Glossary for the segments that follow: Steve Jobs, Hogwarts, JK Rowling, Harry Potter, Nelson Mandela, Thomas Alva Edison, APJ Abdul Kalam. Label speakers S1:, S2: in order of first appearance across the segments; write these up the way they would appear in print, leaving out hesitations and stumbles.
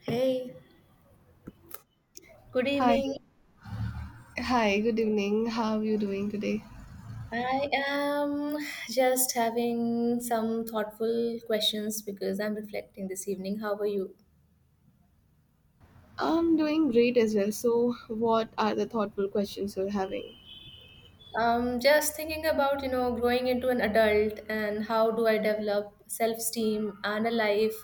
S1: Hey, good
S2: Hi,
S1: evening.
S2: hi, good evening. How are you doing today?
S1: I am just having some thoughtful questions because I'm reflecting this evening. How are you?
S2: I'm doing great as well. So, what are the thoughtful questions you're having?
S1: Just thinking about, you know, growing into an adult and how do I develop self-esteem and a life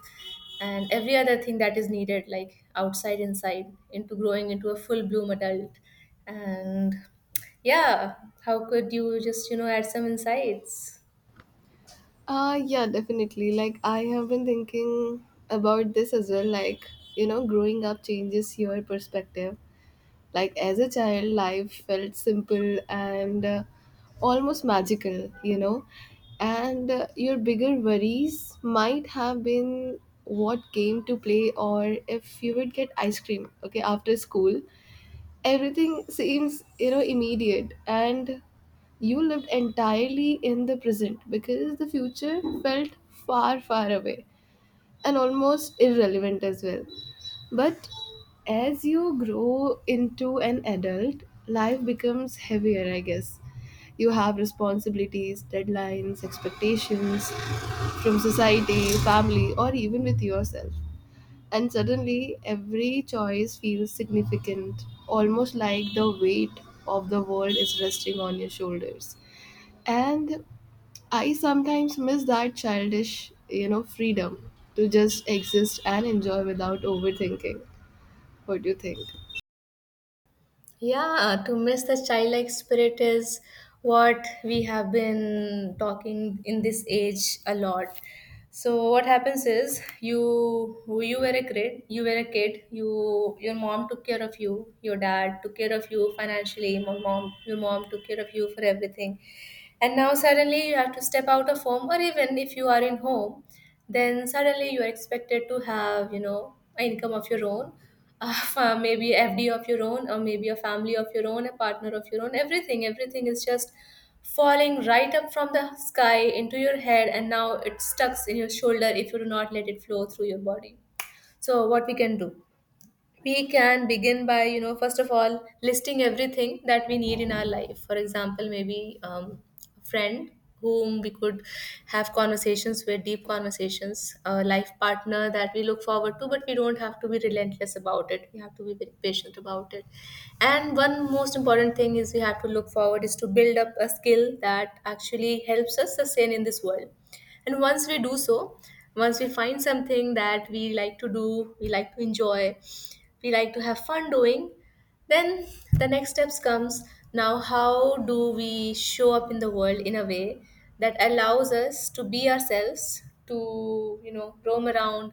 S1: and every other thing that is needed, like outside, inside, into growing into a full bloom adult. And yeah, how could you just, you know, add some insights?
S2: Yeah, definitely. Like, I have been thinking about this as well. Like, you know, growing up changes your perspective. Like, as a child, life felt simple and almost magical, you know. And your bigger worries might have been what game to play or if you would get ice cream, okay, after school everything seems, you know, immediate, and you lived entirely in the present because the future felt far away and almost irrelevant as well. But as you grow into an adult, life becomes heavier, I guess. You have responsibilities, deadlines, expectations from society, family, or even with yourself. And suddenly, every choice feels significant, almost like the weight of the world is resting on your shoulders. And I sometimes miss that childish, you know, freedom to just exist and enjoy without overthinking. What do you think?
S1: Yeah, to miss the childlike spirit is what we have been talking in this age a lot. So what happens is you were a kid, you were a kid, you your mom took care of you, your dad took care of you financially, my mom your mom took care of you for everything, and now suddenly you have to step out of home, or even if you are in home, then suddenly you are expected to have, you know, an income of your own, maybe fd of your own, or maybe a family of your own, a partner of your own. Everything, everything is just falling right up from the sky into your head, and now it stucks in your shoulder if you do not let it flow through your body. So what we can do, we can begin by, you know, first of all listing everything that we need in our life. For example, maybe a friend whom we could have conversations with, deep conversations, a life partner that we look forward to, but we don't have to be relentless about it, we have to be very patient about it. And one most important thing is we have to look forward is to build up a skill that actually helps us sustain in this world. And once we do so, once we find something that we like to do, we like to enjoy, we like to have fun doing, then the next steps comes. Now how do we show up in the world in a way that allows us to be ourselves, to, you know, roam around,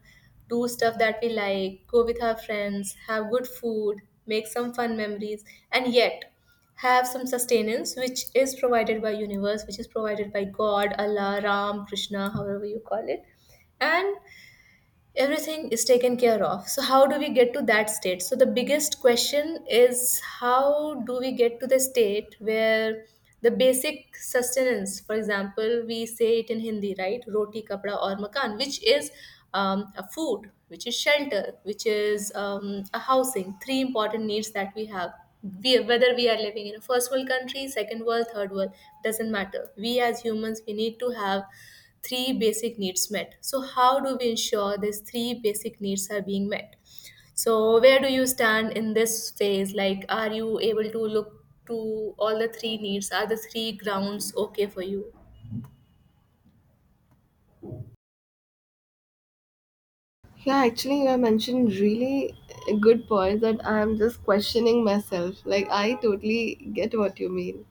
S1: do stuff that we like, go with our friends, have good food, make some fun memories, and yet have some sustenance, which is provided by universe, which is provided by god, allah, ram, krishna, however you call it. And everything is taken care of. So how do we get to that state? So the biggest question is, how do we get to the state where the basic sustenance, for example, we say it in hindi, right, roti kapda or makan, which is a food, which is shelter, which is a housing, three important needs that we have. We, whether we are living in a first world country, second world, third world, doesn't matter, we as humans, we need to have three basic needs met. So, how do we ensure these three basic needs are being met? So, where do you stand in this phase? Like, are you able to look to all the three needs? Are the three grounds okay for you?
S2: Yeah, actually, you have mentioned really a good points that I'm just questioning myself. Like, I totally get what you mean.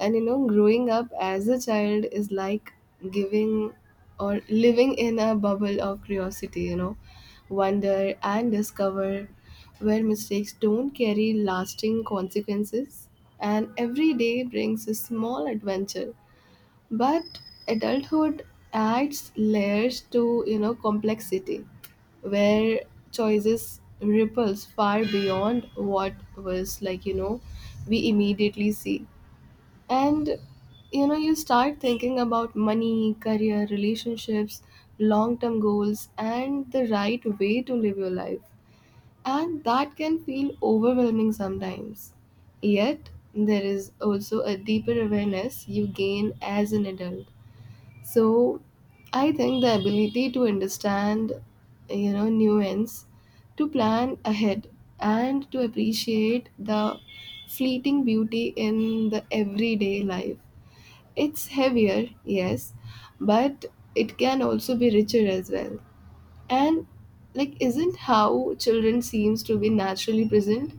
S2: And you know, growing up as a child is like giving or living in a bubble of curiosity, you know, wonder and discover, where mistakes don't carry lasting consequences. And every day brings a small adventure, but adulthood adds layers to, you know, complexity, where choices ripples far beyond what was, like, you know, we immediately see. And you know, you start thinking about money, career, relationships, long-term goals, and the right way to live your life. And that can feel overwhelming sometimes. Yet, there is also a deeper awareness you gain as an adult. So I think the ability to understand, you know, nuance, to plan ahead, and to appreciate the fleeting beauty in the everyday life. It's heavier, yes, but it can also be richer as well. And like isn't how children seems to be naturally present,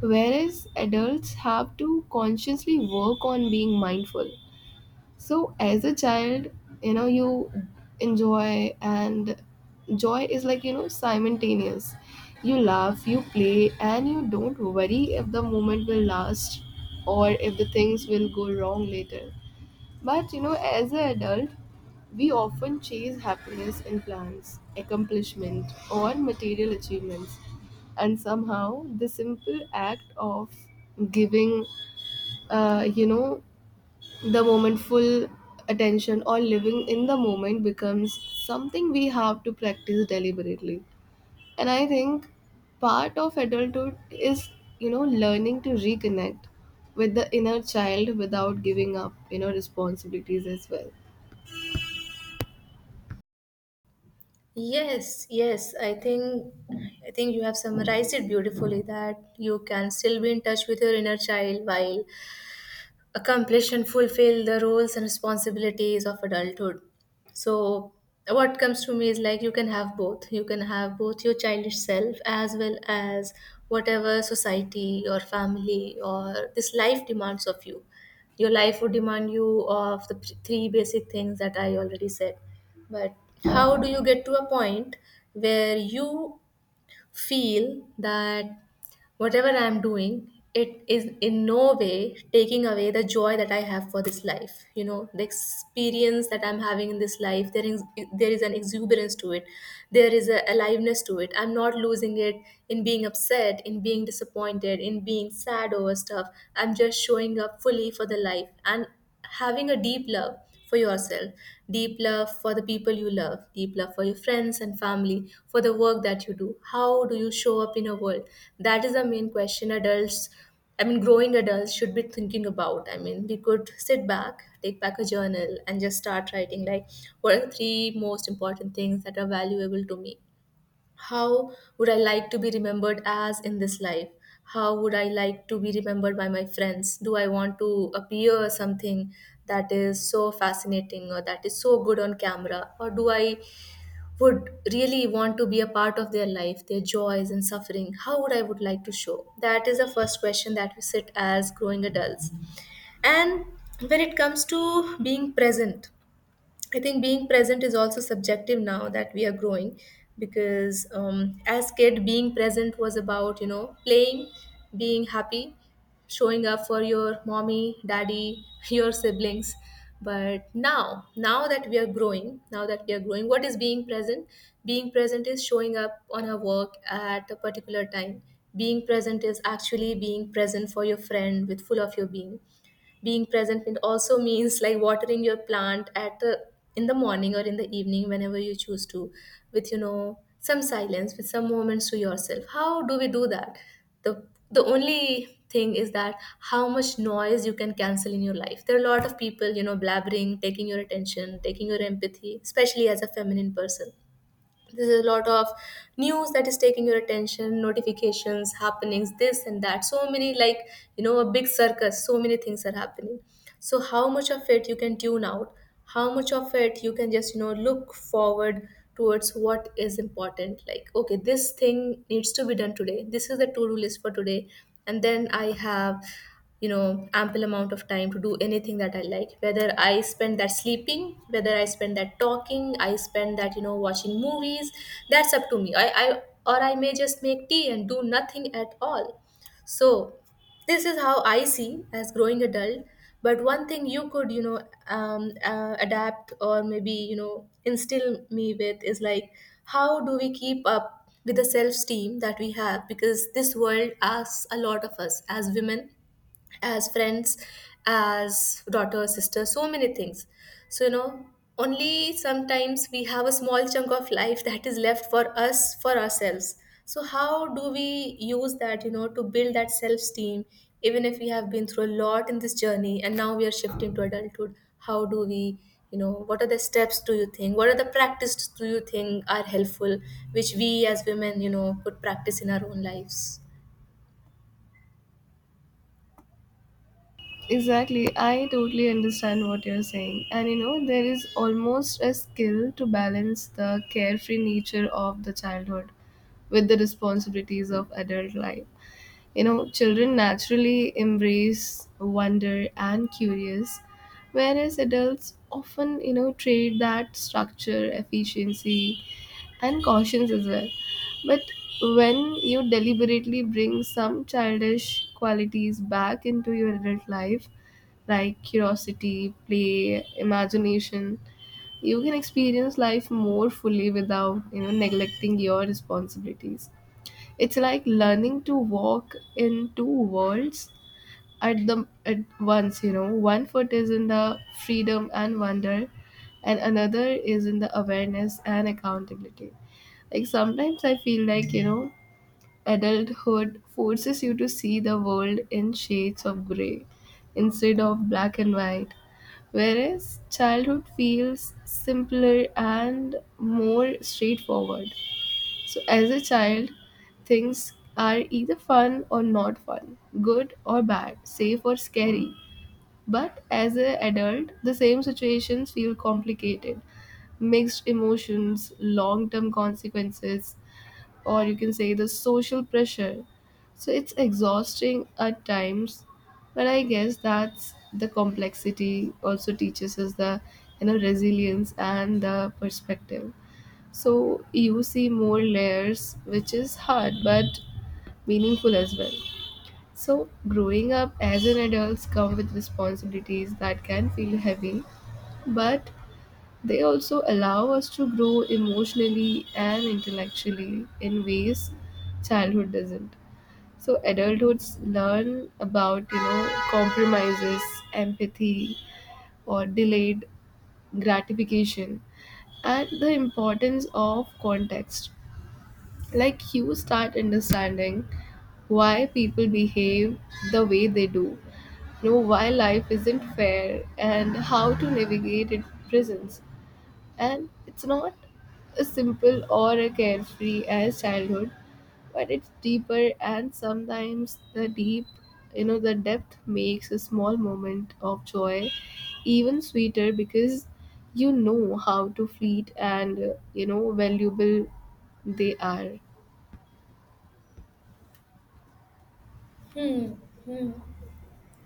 S2: whereas adults have to consciously work on being mindful. So as a child, you know, you enjoy and joy is, like, you know, simultaneous. You laugh, you play, and you don't worry if the moment will last or if the things will go wrong later. But you know, as an adult, we often chase happiness in plans, accomplishment, or material achievements. And somehow, the simple act of giving, you know, the moment full attention or living in the moment becomes something we have to practice deliberately. And I think part of adulthood is, you know, learning to reconnect with the inner child without giving up, you know, responsibilities as well.
S1: Yes, yes. I think you have summarized it beautifully, that you can still be in touch with your inner child while accomplish and fulfill the roles and responsibilities of adulthood. So, what comes to me is, like, you can have both. You can have both your childish self as well as whatever society or family or this life demands of you. Your life would demand you of the three basic things that I already said. But how do you get to a point where you feel that whatever I am doing, it is in no way taking away the joy that I have for this life. You know, the experience that I'm having in this life, there is an exuberance to it. There is a aliveness to it. I'm not losing it in being upset, in being disappointed, in being sad over stuff. I'm just showing up fully for the life and having a deep love for yourself, deep love for the people you love, deep love for your friends and family, for the work that you do. How do you show up in a world? That is the main question adults, I mean, growing adults should be thinking about. I mean, we could sit back, take back a journal, and just start writing, like, what are the three most important things that are valuable to me? How would I like to be remembered as in this life? How would I like to be remembered by my friends? Do I want to appear something that is so fascinating or that is so good on camera? Or do I would really want to be a part of their life, their joys and suffering? How would I would like to show? That is the first question that we sit as growing adults. And when it comes to being present, I think being present is also subjective now that we are growing, because as kid being present was about, you know, playing, being happy, showing up for your mommy daddy your siblings. But now, now that we are growing now that we are growing what is being present? Being present is showing up on our work at a particular time. Being present is actually being present for your friend with full of your being. Being present, it also means, like, watering your plant at the in the morning or in the evening, whenever you choose to, with, you know, some silence, with some moments to yourself. How do we do that? The only thing is that how much noise you can cancel in your life. There are a lot of people, you know, blabbering, taking your attention, taking your empathy, especially as a feminine person. There's a lot of news that is taking your attention, notifications, happenings, this and that, so many, like, you know, a big circus, so many things are happening. So how much of it you can tune out, how much of it you can just, you know, look forward towards what is important. Like, okay, this thing needs to be done today, this is the to-do list for today, and then I have, you know, ample amount of time to do anything that I like, whether I spend that sleeping, whether I spend that talking, I spend that, you know, watching movies. That's up to me. I or I may just make tea and do nothing at all. So this is how I see as growing adult. But one thing you could, you know, adapt, or maybe, you know, instill me with, is like, how do we keep up with the self-esteem that we have? Because this world asks a lot of us as women, as friends, as daughter, sister, so many things. So, you know, only sometimes we have a small chunk of life that is left for us, for ourselves. So, how do we use that, you know, to build that self esteem, even if we have been through a lot in this journey and now we are shifting to adulthood? How do we, you know, what are the steps do you think? What are the practices do you think are helpful, which we as women, you know, could practice in our own lives?
S2: Exactly, I totally understand what you're saying. And you know, there is almost a skill to balance the carefree nature of the childhood with the responsibilities of adult life. You know, children naturally embrace wonder and curious, whereas adults often, you know, trade that structure, efficiency, and cautions as well. But when you deliberately bring some childish qualities back into your adult life, like curiosity, play, imagination, you can experience life more fully without, you know, neglecting your responsibilities. It's like learning to walk in two worlds at once, you know. One foot is in the freedom and wonder and another is in the awareness and accountability. Like sometimes I feel like, you know, adulthood forces you to see the world in shades of gray instead of black and white. Whereas childhood feels simpler and more straightforward. So, as a child, things are either fun or not fun, good or bad, safe or scary. But as an adult, the same situations feel complicated. Mixed emotions, long term consequences, or you can say the social pressure. So, it's exhausting at times, but I guess that's the complexity also teaches us the, you know, resilience and the perspective. So you see more layers, which is hard but meaningful as well. So growing up as an adult come with responsibilities that can feel heavy, but they also allow us to grow emotionally and intellectually in ways childhood doesn't. So adulthoods learn about, you know, compromises, empathy, or delayed gratification, and the importance of context. Like you start understanding why people behave the way they do, you know, why life isn't fair and how to navigate its prisons. And it's not as simple or a carefree as childhood, but it's deeper. And sometimes the deep, you know, the depth makes a small moment of joy even sweeter because you know how to fleet and you know valuable they are.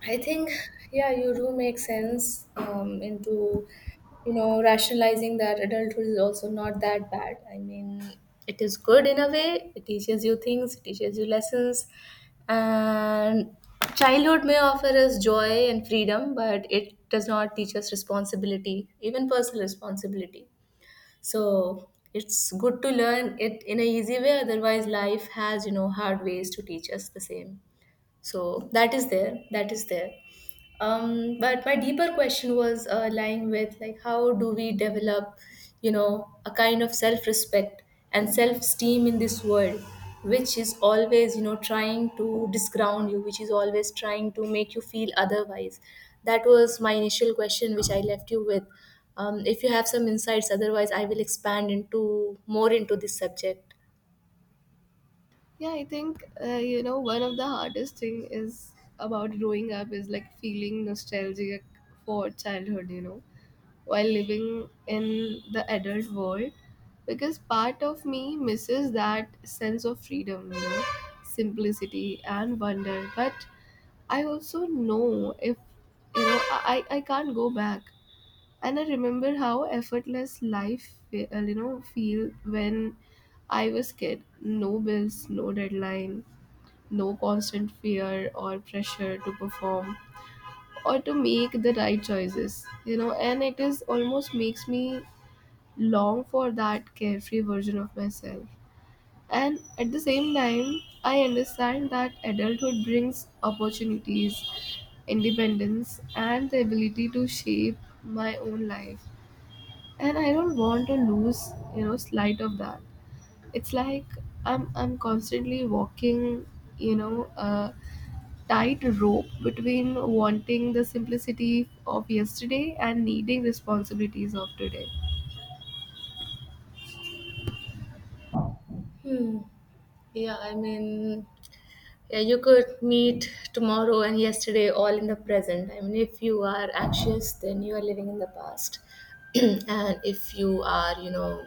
S1: I think, yeah, you do make sense into, you know, rationalizing that adulthood is also not that bad. I mean, it is good in a way. It teaches you things, it teaches you lessons. And childhood may offer us joy and freedom, but it does not teach us responsibility, even personal responsibility. So it's good to learn it in a easy way. Otherwise, life has, you know, hard ways to teach us the same. So that is there. That is there. Um, but my deeper question was lying with, like, how do we develop, you know, a kind of self respect and self esteem in this world, which is always, you know, trying to disground you, which is always trying to make you feel otherwise? That was my initial question which I left you with. If you have some insights, otherwise I will expand into more into this subject.
S2: Yeah, I think you know, one of the hardest thing is about growing up is like feeling nostalgic for childhood. You know, while living in the adult world, because part of me misses that sense of freedom. You know, simplicity and wonder, but I also know if you know I can't go back. And I remember how effortless life you know feel when I was kid. No bills, no deadline, no constant fear or pressure to perform or to make the right choices, you know. And it is almost makes me long for that carefree version of myself. And at the same time I understand that adulthood brings opportunities, independence, and the ability to shape my own life. And I don't want to lose, you know, sight of that. It's like I'm constantly walking, you know, a tight rope between wanting the simplicity of yesterday and needing responsibilities of today.
S1: Hmm. Yeah, I mean, yeah, you could meet tomorrow and yesterday all in the present. I mean, if you are anxious, then you are living in the past. And if you are, you know,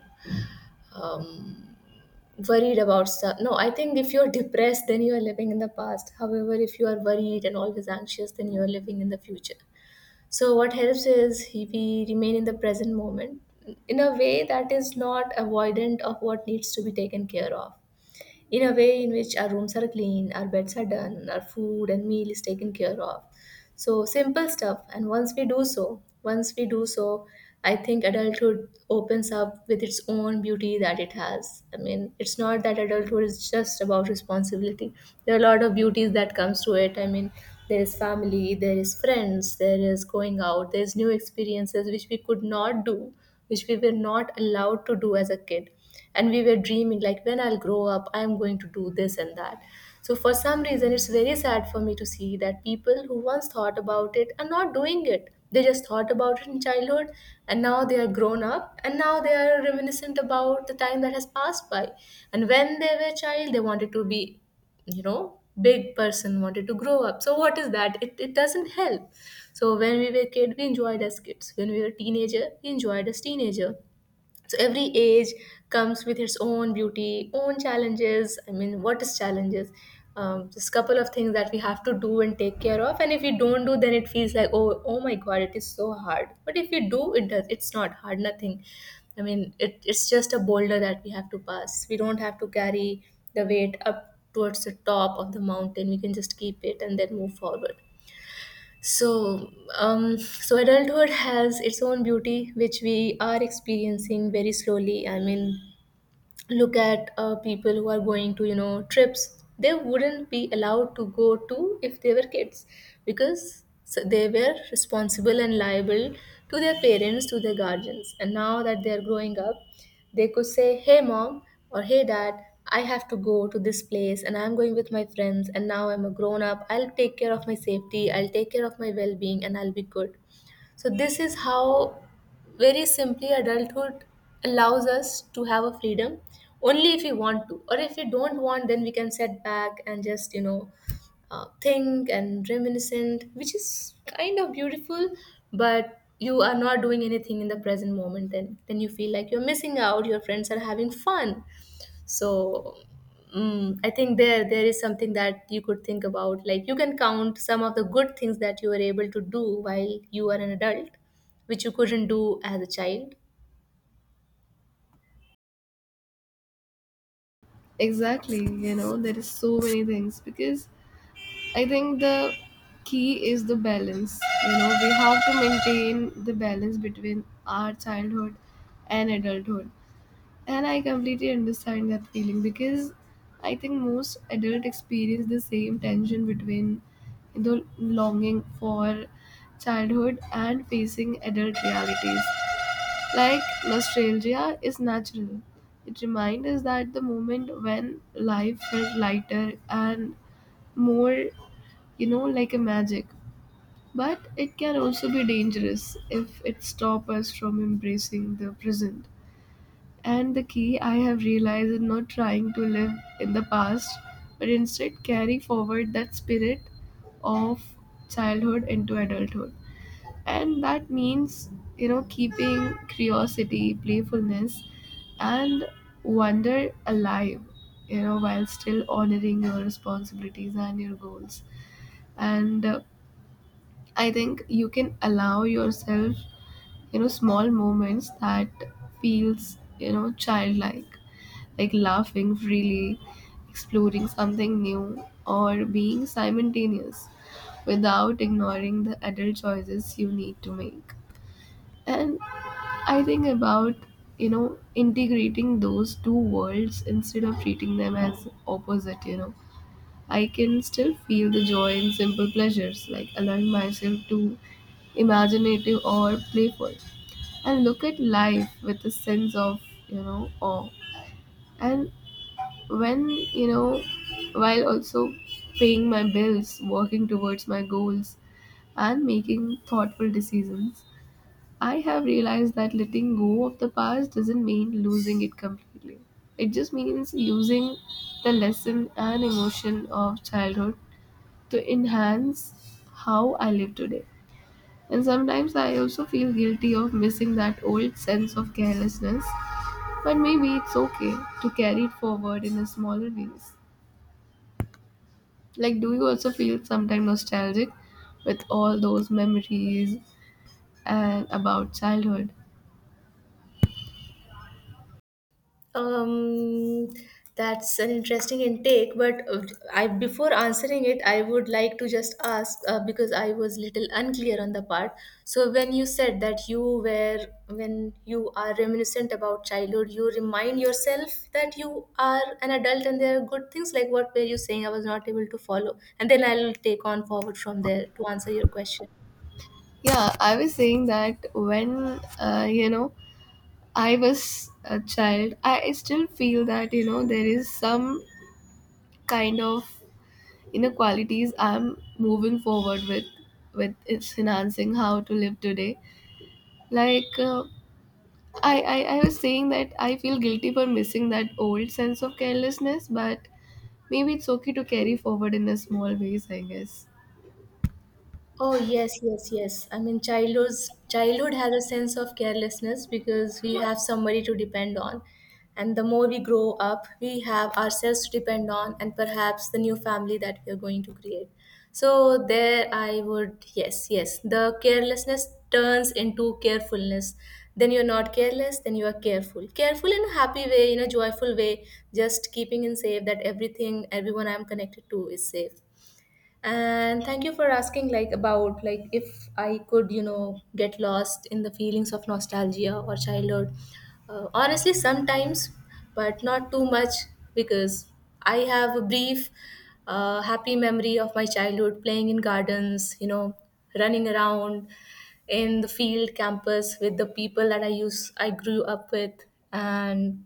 S1: um, worried about stuff, no, I think if you're depressed, then you are living in the past. However, if you are worried and always anxious, then you are living in the future. So, what helps is we remain in the present moment in a way that is not avoidant of what needs to be taken care of, in a way in which our rooms are clean, our beds are done, our food and meal is taken care of. So simple stuff. And once we do so, I think adulthood opens up with its own beauty that it has. I mean, it's not that adulthood is just about responsibility. There are a lot of beauties that comes to it. I mean, there is family, there is friends, there is going out, there is new experiences which we could not do, which we were not allowed to do as a kid, and we were dreaming like, when I'll grow up, I'm going to do this and that. So for some reason, it's very sad for me to see that people who once thought about it are not doing it. They just thought about it in childhood, and now they are grown up and now they are reminiscent about the time that has passed by. And when they were a child, they wanted to be, you know, big person, wanted to grow up. So what is that? It doesn't help. So when we were kid, we enjoyed as kids. When we were teenager, we enjoyed as teenager. So every age comes with its own beauty, own challenges. I mean, what is challenges? Just couple of things that we have to do and take care of, and if we don't do, then it feels like, oh, oh my god, it is so hard. But if you do it, does it's not hard, nothing. I mean, it's just a boulder that we have to pass. We don't have to carry the weight up towards the top of the mountain. We can just keep it and then move forward. So um so adulthood has its own beauty which we are experiencing very slowly. I mean, look at people who are going to, you know, trips they wouldn't be allowed to go to if they were kids, because so they were responsible and liable to their parents, to their guardians. And now that they are growing up, they could say, hey mom, or hey dad, I have to go to this place and I'm going with my friends, and now I'm a grown up. I'll take care of my safety, I'll take care of my well-being, and I'll be good. So this is how, very simply, adulthood allows us to have a freedom, only if we want to. Or if we don't want, then we can set back and just, you know, think and reminiscent, which is kind of beautiful. But you are not doing anything in the present moment, then you feel like you're missing out, your friends are having fun. So I think there is something that you could think about, like you can count some of the good things that you were able to do while you were an adult, which you couldn't do as a child.
S2: Exactly, you know, there is so many things because I think the key is the balance. You know, we have to maintain the balance between our childhood and adulthood. And I completely understand that feeling because I think most adult experience the same tension between the longing for childhood and facing adult realities. Like nostalgia is natural. It reminds us that the moment when life felt lighter and more, you know, like a magic. But it can also be dangerous if it stops us from embracing the present. And the key I have realized is not trying to live in the past, but instead carry forward that spirit of childhood into adulthood. And that means, you know, keeping curiosity, playfulness, and wonder alive, you know, while still honoring your responsibilities and your goals. And I think you can allow yourself, you know, small moments that feels, you know, childlike, like laughing freely, exploring something new, or being simultaneous without ignoring the adult choices you need to make. And I think about, you know, integrating those two worlds instead of treating them as opposite, you know. I can still feel the joy in simple pleasures, like allowing myself to imaginative or playful, and look at life with a sense of, you know, awe. And when you know, while also paying my bills, working towards my goals, and making thoughtful decisions, I have realized that letting go of the past doesn't mean losing it completely. It just means using the lesson and emotion of childhood to enhance how I live today. And sometimes I also feel guilty of missing that old sense of carelessness, but maybe it's okay to carry it forward in a smaller ways. Like, do you also feel sometimes nostalgic with all those memories and about childhood?
S1: Um, that's an interesting intake, but I, before answering it, I would like to just ask, because I was little unclear on the part. So when you said that you were when you are reminiscent about childhood, you remind yourself that you are an adult and there are good things. Like, what were you saying? I was not able to follow, and then I'll take on forward from there to answer your question.
S2: Yeah, I was saying that when you know, I was a child, I still feel that you know there is some kind of inequalities I'm moving forward with is enhancing how to live today. Like I was saying that I feel guilty for missing that old sense of carelessness, but maybe it's okay to carry forward in a small ways, I guess.
S1: Oh yes, yes, yes. I mean, childhood has a sense of carelessness because we have somebody to depend on, and the more we grow up, we have ourselves to depend on, and perhaps the new family that we are going to create. So there, I would, yes, yes. The carelessness turns into carefulness. Then you're not careless. Then you are careful, careful in a happy way, in a joyful way. Just keeping in safe that everything, everyone I'm connected to is safe. And thank you for asking, like, about, like, if I could, you know, get lost in the feelings of nostalgia or childhood. Honestly, sometimes, but not too much, because I have a brief happy memory of my childhood, playing in gardens, you know, running around in the field campus with the people that I use. I grew up with, and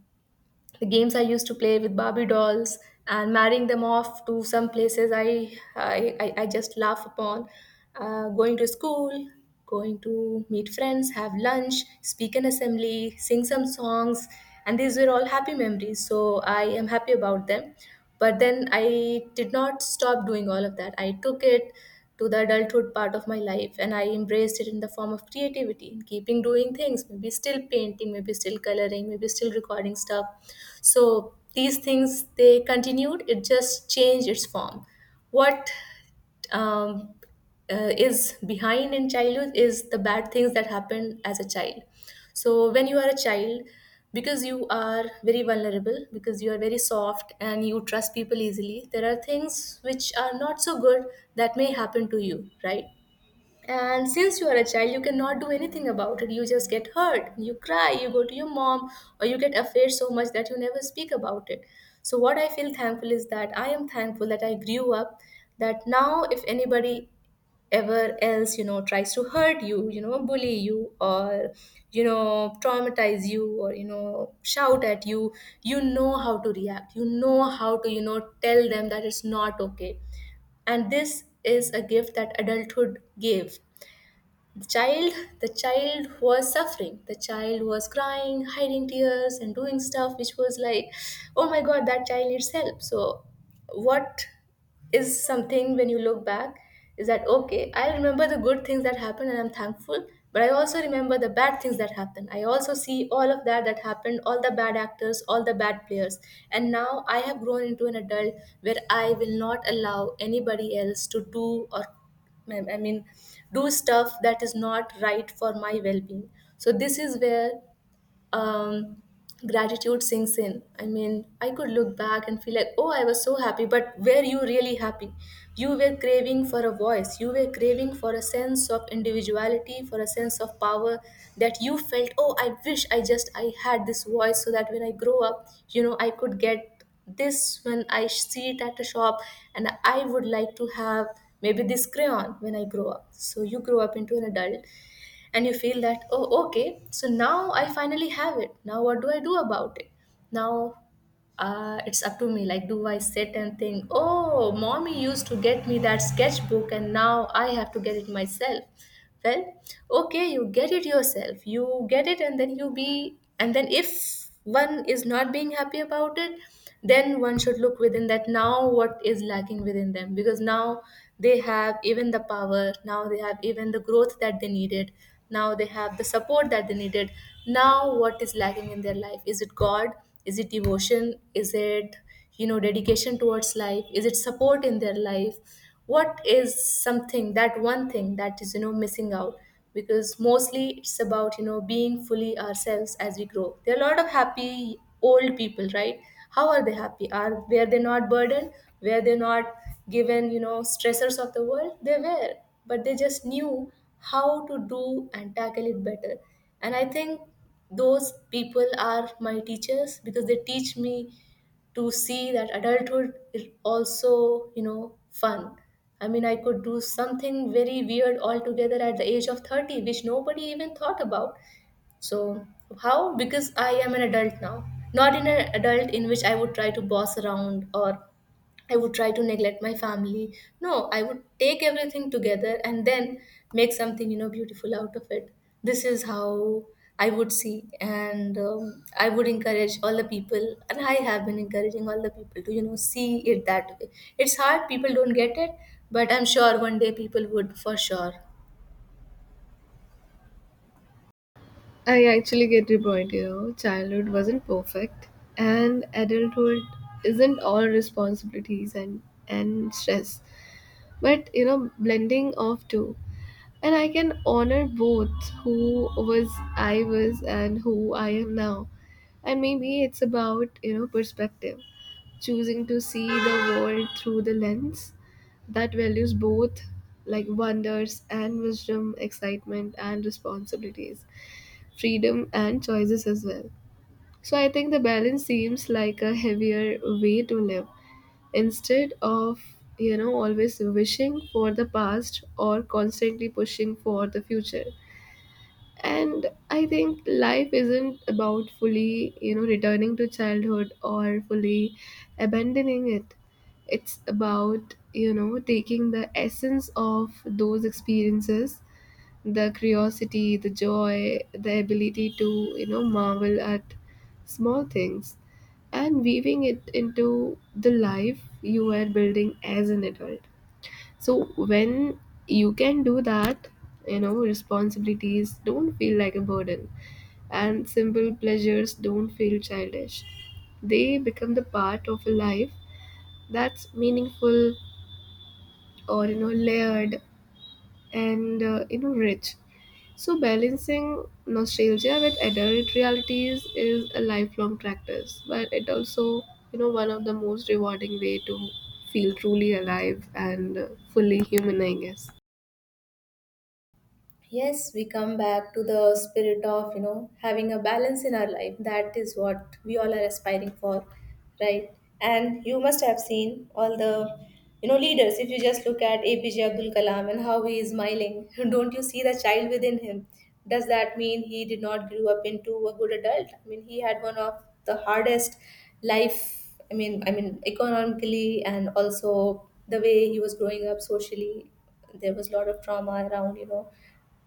S1: the games I used to play with Barbie dolls and marrying them off to some places I just laugh upon. Going to school, going to meet friends, have lunch, speak an assembly, sing some songs, and these were all happy memories. So I am happy about them. But then I did not stop doing all of that. I took it to the adulthood part of my life, and I embraced it in the form of creativity, in keeping doing things, maybe still painting, maybe still coloring, maybe still recording stuff. So these things, they continued, it just changed its form. What um, is behind in childhood is the bad things that happened as a child. So when you are a child, because you are very vulnerable, because you are very soft and you trust people easily, there are things which are not so good that may happen to you, right? And since you are a child, you cannot do anything about it. You just get hurt, you cry, you go to your mom, or you get afraid so much that you never speak about it. So what I feel thankful is that I am thankful that I grew up, that now if anybody ever else, you know, tries to hurt you, you know, bully you, or you know, traumatize you, or you know, shout at you, you know how to react, you know how to, you know, tell them that it's not okay. And this is a gift that adulthood gave the child. The child was suffering, the child was crying, hiding tears, and doing stuff which was like, oh my god, that child needs help. So what is something when you look back is that, okay, I remember the good things that happened and I'm thankful. But I also remember the bad things that happened. I also see all of that that happened, all the bad actors, all the bad players, and now I have grown into an adult where I will not allow anybody else to do, or I mean, do stuff that is not right for my well being. So this is where um, gratitude sinks in. I mean, I could look back and feel like, oh, I was so happy. But were you really happy? You were craving for a voice, you were craving for a sense of individuality, for a sense of power, that you felt, oh, I wish I had this voice so that when I grow up, you know, I could get this when I see it at a shop, and I would like to have maybe this crayon when I grow up. So you grow up into an adult, and you feel that, oh, okay, so now I finally have it. Now what do I do about it? Now, it's up to me. Like, do I sit and think, oh, mommy used to get me that sketchbook and now I have to get it myself? Well, okay, you get it yourself, you get it, and then you be. And then if one is not being happy about it, then one should look within, that now what is lacking within them. Because now they have even the power, now they have even the growth that they needed, now they have the support that they needed. Now what is lacking in their life? Is it god, is it devotion, is it, you know, dedication towards life, is it support in their life? What is something, that one thing that is, you know, missing out? Because mostly it's about, you know, being fully ourselves. As we grow, there are a lot of happy old people, right? How are they happy? Are Were they not burdened, were they not given, you know, stressors of the world? They were, but they just knew how to do and tackle it better. And I think those people are my teachers, because they teach me to see that adulthood is also, you know, fun. I mean, I could do something very weird altogether at the age of 30, which nobody even thought about. So how? Because I am an adult now, not in an adult in which I would try to boss around or I would try to neglect my family. No, I would take everything together and then make something, you know, beautiful out of it. This is how I would see. And I would encourage all the people, and I have been encouraging all the people to, you know, see it that way. It's hard, people don't get it, but I'm sure one day people would for sure.
S2: I actually get your point. You know, childhood wasn't perfect, and adulthood isn't all responsibilities and stress, but you know, blending of two. And I can honor both who was I was and who I am now. And maybe it's about, you know, perspective, choosing to see the world through the lens that values both, like wonders and wisdom, excitement and responsibilities, freedom and choices as well. So I think the balance seems like a heavier way to live, instead of, you know, always wishing for the past or constantly pushing for the future. And I think life isn't about fully, you know, returning to childhood or fully abandoning it. It's about, you know, taking the essence of those experiences, the curiosity, the joy, the ability to, you know, marvel at small things, and weaving it into the life you are building as an adult. So when you can do that, you know, responsibilities don't feel like a burden and simple pleasures don't feel childish. They become the part of a life that's meaningful or, you know, layered and you know rich. So balancing nostalgia with adult realities is a lifelong practice, but it also, you know, one of the most rewarding way to feel truly alive and fully human, I guess.
S1: Yes, we come back to the spirit of, you know, having a balance in our life. That is what we all are aspiring for, right? And you must have seen all the, you know, leaders. If you just look at APJ Abdul Kalam and how he is smiling, don't you see the child within him? Does that mean he did not grow up into a good adult? I mean, he had one of the hardest life. I mean, economically, and also the way he was growing up socially, there was a lot of trauma around, you know,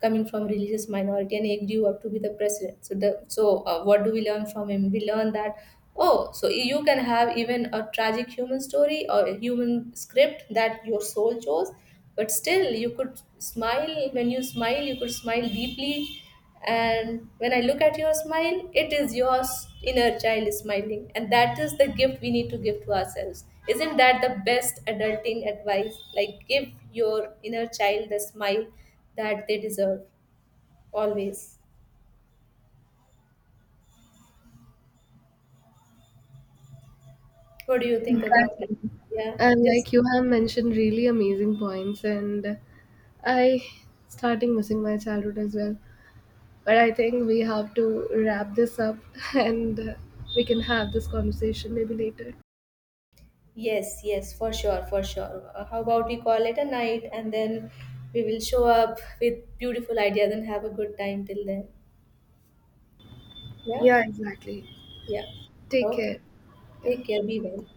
S1: coming from religious minority, and he grew up to be the president. So the, so what do we learn from him? We learn that, oh, so you can have even a tragic human story or a human script that your soul chose, but still you could smile. When you smile, you could smile deeply. And when I look at your smile, it is your inner child smiling. And that is the gift we need to give to ourselves. Isn't that the best adulting advice? Like, give your inner child the smile that they deserve always. What do you think about it?
S2: Exactly.
S1: Yeah,
S2: And
S1: just
S2: like you have mentioned really amazing points and I starting missing my childhood as well. But I think we have to wrap this up and we can have this conversation maybe later.
S1: yes, yes, for sure, for sure. How about we call it a night, and then we will show up with beautiful ideas and have a good time till then. Yeah,
S2: Yeah, exactly.
S1: yeah.
S2: Take
S1: Okay.
S2: care.
S1: Take
S2: Yeah.
S1: care. Be well.